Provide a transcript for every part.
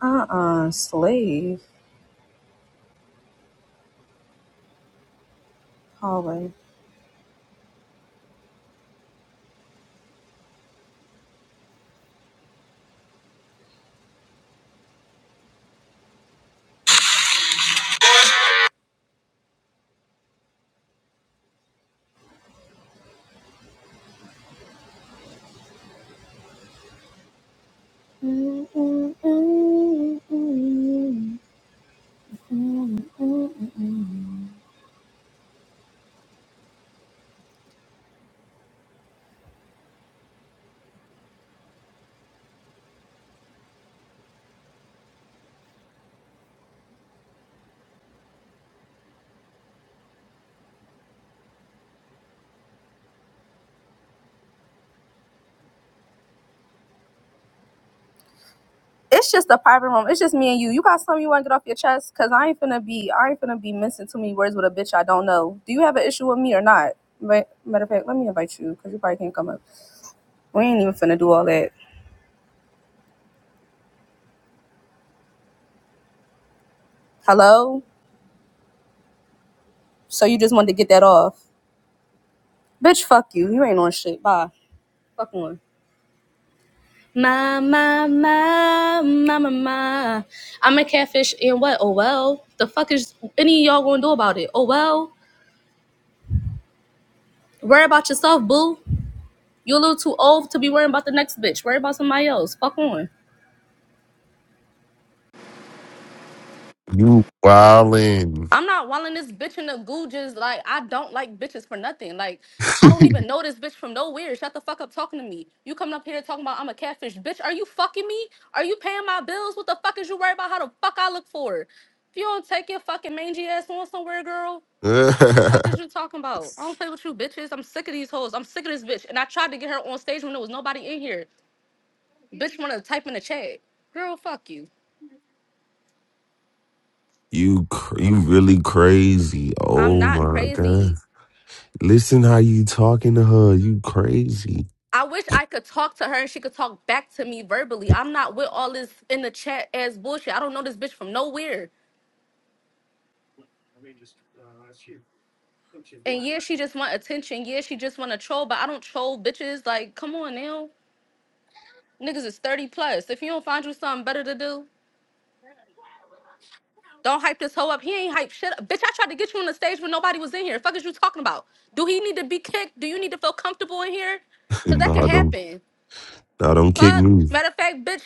Uh-uh, slave. Hallway. It's just a private room. It's just me and you. You got something you want to get off your chest? Cause I ain't finna be, I ain't finna be missing too many words with a bitch I don't know. Do you have an issue with me or not? But matter of fact, let me invite you, cause you probably can't come up. We ain't even finna do all that. Hello? So you just wanted to get that off? Bitch, fuck you. You ain't on shit. Bye. Fuck on. My, my, my, my, my, my. I'm a catfish and what? Oh, well. The fuck is any of y'all gonna do about it? Oh, well. Worry about yourself, boo. You're a little too old to be worrying about the next bitch. Worry about somebody else. Fuck on. You wildin'. I'm not walling this bitch in the googes. Like, I don't like bitches for nothing. Like, I don't even know this bitch from nowhere. Shut the fuck up talking to me. You coming up here talking about I'm a catfish. Bitch, are you fucking me? Are you paying my bills? What the fuck is you worried about how the fuck I look for? If you don't take your fucking mangy ass on somewhere, girl, Fuck is you talking about? I don't play with you bitches. I'm sick of these hoes. I'm sick of this bitch. And I tried to get her on stage when there was nobody in here. Bitch wanted to type in the chat. Girl, fuck you. you cr- you really crazy. I'm Oh not my god. crazy. Listen how you talking to her. You crazy. I wish I could talk to her and she could talk back to me verbally. I'm not with all this in the chat as bullshit. I don't know this bitch from nowhere. And yeah, she just want attention. Yeah, she just want to troll, but I don't troll bitches. Like, come on now. Niggas is 30 plus. If you don't find you something better to do, Don't hype this hoe up. He ain't hype shit up. Bitch, I tried to get you on the stage when nobody was in here. Fuck is you talking about? Do he need to be kicked? Do you need to feel comfortable in here? Cause that nah, could don't happen. nah, don't kick Fuck. me. Matter of fact, bitch,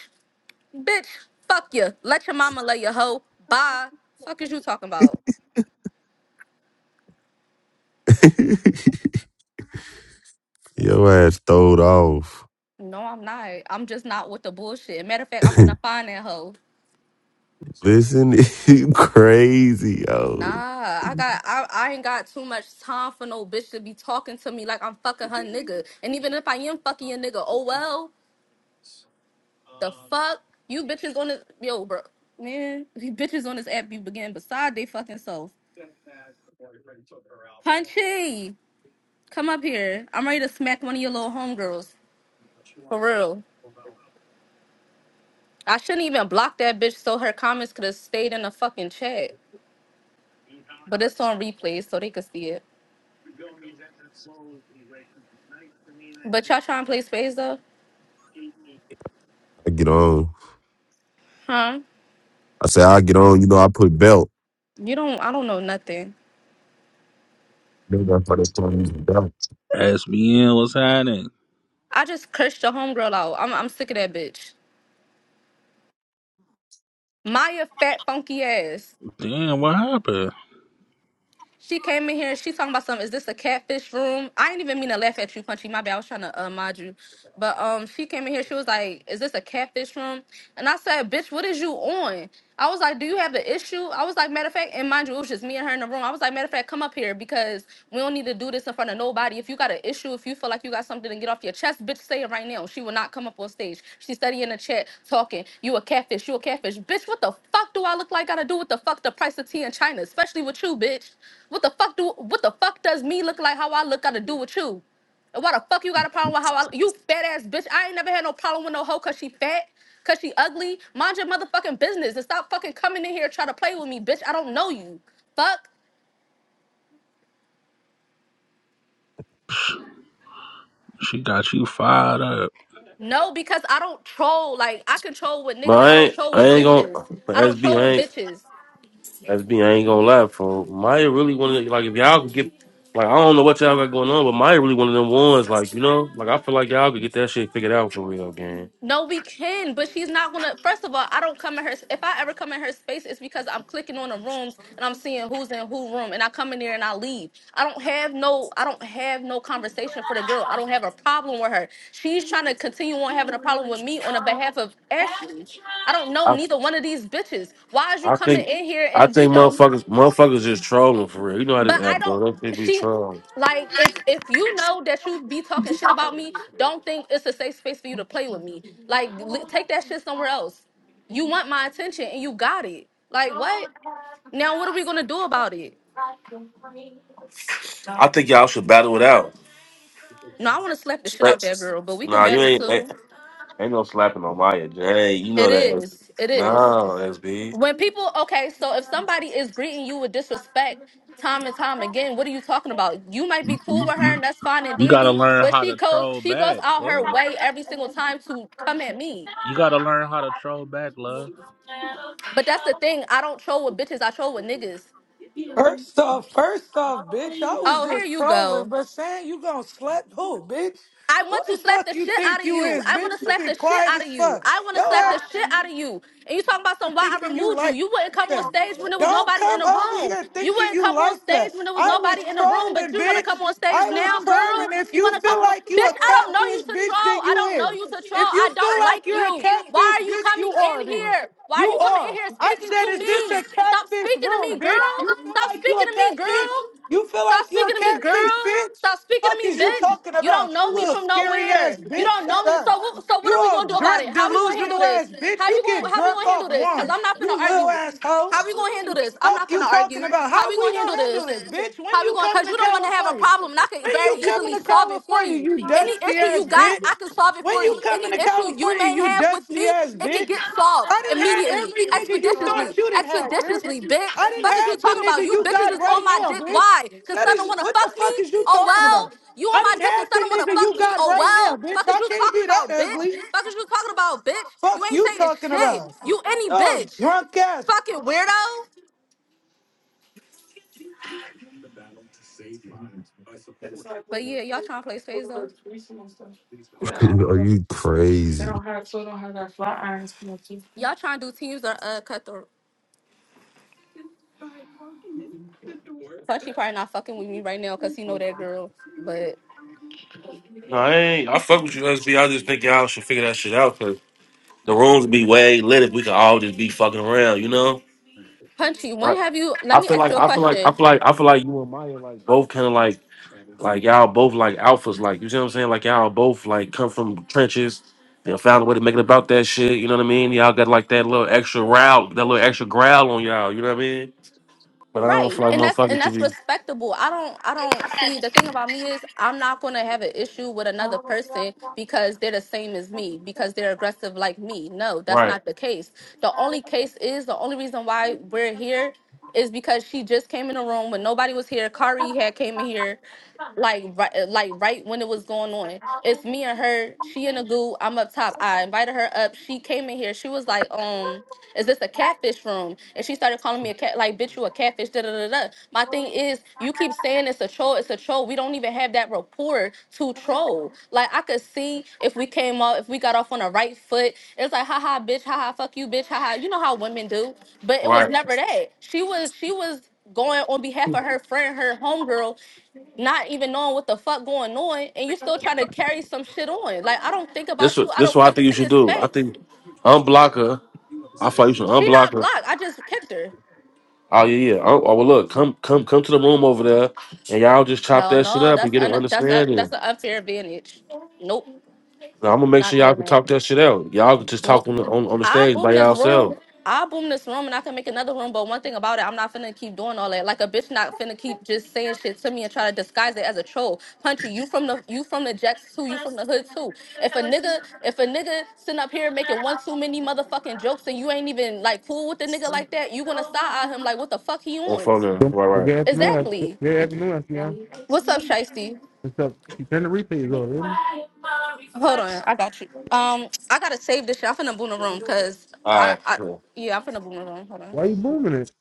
bitch, fuck you. Let your mama lay your hoe. Bye. Fuck is you talking about? Your ass throwed off. No, I'm not. I'm just not with the bullshit. Matter of fact, I'm finna find that hoe. Listen, you crazy, yo. Nah, I got I, I ain't got too much time for no bitch to be talking to me like I'm fucking her nigga. And even if I am fucking your nigga, oh well. The fuck? You bitches on this yo, bro. Man, these bitches on this app be begin beside they fucking self. Punchy, come up here. I'm ready to smack one of your little homegirls. For real. I shouldn't even block that bitch so her comments could have stayed in the fucking chat. But it's on replays so they could see it. But y'all trying to play space though? I get on. Huh? I say I get on. You know I put belt. You don't I don't know nothing. Maybe That's why they told me to use the belt. SBN was hiding. I just cursed your homegirl out. I'm I'm sick of that bitch. Maya fat funky ass. Damn, what happened? She came in here. She talking about something. Is this a catfish room? I didn't even mean to laugh at you, Punchy. My bad. I was trying to uh, mod you, but um, she came in here. She was like, "Is this a catfish room?" And I said, "Bitch, what is you on?" I was like, "Do you have the issue?" I was like, "Matter of fact," and mind you, it was just me and her in the room. I was like, "Matter of fact, come up here because we don't need to do this in front of nobody. If you got an issue, if you feel like you got something to get off your chest, bitch, say it right now." She will not come up on stage. She's studying in the chat talking. You a catfish. You a catfish. Bitch, what the fuck do I look like? Gotta do with the fuck the price of tea in China, especially with you, bitch. What the fuck do? What the fuck does me look like? How I look? Gotta do with you. And why the fuck you got a problem with how I you fat ass bitch? I ain't never had no problem with no hoe cause she fat, cause she ugly. Mind your motherfucking business and stop fucking coming in here trying to play with me, bitch. I don't know you. Fuck. She got you fired up. No, because I don't troll. Like I control with But niggas, I I don't ain't, troll I with ain't gonna bitches. I don't SB. I troll with ain't bitches. SB. I ain't gonna lie, for Maya really one of the, like if y'all could get like I don't know what y'all got going on, but Maya really one of them ones. Like you know, like I feel like y'all could get that shit figured out for real, gang. No, we can, but she's not gonna. First of all, I don't come in her. If I ever come in her space, it's because I'm clicking on the rooms and I'm seeing who's in who room, and I come in there and I leave. I don't have no. I don't have no conversation for the girl. I don't have a problem with her. She's trying to continue on having a problem with me on the behalf of Ashley. I don't know I neither one of these bitches. Why is you I coming think in here I and we think don't? motherfuckers motherfuckers just trolling for real. You know how this But I app go? don't. Them shit be She trolling. like if if you know that you be talking shit about me, don't think it's a safe space for you to play with me. Like li- take that shit somewhere else. You want my attention and you got it. Like what? Now what are we gonna do about it? I think y'all should battle it out. No, I want to slap the shit out that girl, but we can Nah, you battle ain't ain't, too. ain't no slapping on Maya. Jay, you It know that. is. It No, is. SB. When people, okay, so if somebody is greeting you with disrespect time and time again, what are you talking about? You might be cool with her and that's fine and You gotta dandy, learn but how she to goes troll she goes back, out her love. way every single time to come at me. You gotta learn how to troll back, love. But that's the thing, I don't troll with bitches, I troll with niggas. First off, first off, bitch, I was Oh, here just you trolling, go. but saying you gonna slap who, bitch? I Who want to the slap fuck the you shit out think of you you. is, I want to bitch? You slap been the shit quiet out as of you. fuck. I want to slap Yo the shit out of you. And you talking about some why I thinking you removed you. like You wouldn't come on that. stage when there was Don't nobody in come the over room. here You thinking wouldn't you come on like stage that. when there was I was nobody in the room, but trolling, you want to bitch. come on stage I was now, girl? trolling. If You you want to come feel on? like you a Bitch, I don't know you catfish, to bitch, troll. then I you don't know is. you to If troll. you I feel don't like like you're a you. Why catfish, are you bitch, you coming are in then. here? Why are You you coming in are. here I speaking said, to is this me? a Stop catfish speaking to room, me, bitch? girl. You feel Stop like you speaking a to me, catfish? girl. You feel Stop like you a speaking to me, catfish, girl. bitch? Stop speaking to Fuck is me, you bitch. talking You don't about? know You me little from scary ass nowhere. You bitch. don't know Shut me. up. So what, so what You are we gonna old do about it? drunk, How are we gonna handle delusional this? ass bitch. How You you get gonna how we drunk gonna handle off this? Cause one. I'm not gonna You little argue. asshole. How we gonna handle this? I'm not Fuck you gonna talking argue. about. How How we we gonna handle gonna this? handle this, bitch? When How we you gonna? coming Cause to you don't want to have a California? problem, and I can When you very easily coming to solve it for California, you. you Any dusty issue you ass got, bitch? I can solve it When for you you. Any coming to issue you you California, may you have with dusty me, ass it can bitch? get solved I didn't had immediately, every nigga you thought expeditiously, you didn't have, bitch. expeditiously, bitch. I Fuck is you talking didn't had the about? nigga You you bitches got is on right my now, dick. bitch. Why? Cause That son don't is wanna what the fuck me? fuck is you Oh talking about? well. You on I my dick cause son don't didn't have wanna the nigga fuck you me? got Oh right well. now, bitch. Fuck is I you can't talking be that about, bitch? ugly. Fuck is you talking about, bitch? You Fuck ain't you saying talking shit. about? You any Oh, bitch. drunk ass Fucking weirdo. But yeah, y'all trying to play space though? Are you crazy? Y'all trying to do teams or uh cut Punchy probably not fucking with me right now because he know that girl. But No, I ain't. I fuck with you, SB. I just think y'all should figure that shit out. The rooms be way lit if we could all just be fucking around, you know? Punchy, I, when have you? Let I me feel ask like you a I feel like I question. feel like I feel like you and Maya like both kinda like like y'all both like alphas, like you see what I'm saying? Like y'all both like come from trenches and found a way to make it about that shit, you know what I mean? Y'all got like that little extra route, that little extra growl on y'all, you know what I mean? But I don't Right. feel like And that's and motherfuckers should that's be respectable. I don't I don't see the thing about me is I'm not gonna have an issue with another person because they're the same as me, because they're aggressive like me. No, that's right, not the case. The only case is the only reason why we're here is because she just came in the room when nobody was here. Kari had came in here like right uh, like right when it was going on. It's me and her, she in the goo, I'm up top. I invited her up. She came in here. She was like, um, is this a catfish room? And she started calling me a cat like bitch you a catfish, da da da da. My thing is you keep saying it's a troll, it's a troll. We don't even have that rapport to troll. Like I could see if we came off, if we got off on the right foot, it's like haha bitch, haha fuck you, bitch, haha. You know how women do. But it was right. never that. She was she was going on behalf of her friend, her homegirl, not even knowing what the fuck going on and you still trying to carry some shit on. Like I don't think This about you. what I this don't what I come think you into should your do. I space. think unblock her. I feel like you should She unblock not her blocked. I just kicked her. Oh yeah, yeah. Oh, oh, well, look, come, come, come to the room over there, and y'all just chop Hell that shit no, up and that's get an un- that's a understanding. that's an unfair advantage. Nope, Now, I'm gonna make not sure y'all doing can that. talk that shit out. Y'all can just talk Nope. on the on, on the I'll stage by boom this room. y'allself I'll boom this room and I can make another room. But one thing about it, I'm not finna keep doing all that. Like a bitch not finna keep just saying shit to me and try to disguise it as a troll. Punchy, you from the you from the jacks too, you from the hood too. If a nigga, if a nigga sitting up here making one too many motherfucking jokes and you ain't even like cool with the nigga like that, you wanna side eye him like what the fuck he on on? phone. There. Good Right, right. afternoon. That's Good Exactly. good afternoon, that's yeah. What's up, Shiesty? What's up? You turn the replays off, isn't it? Hold on, I got you. Um, I gotta save this shit. I'm finna boom the room because I, All I right. yeah, I'm finna boom the room. Hold on. Why you booming it?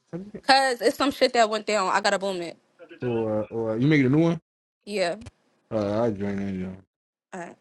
Cause it's some shit that went down. I gotta boom it. Or or you making a new one? Yeah. Uh, I join in. All right.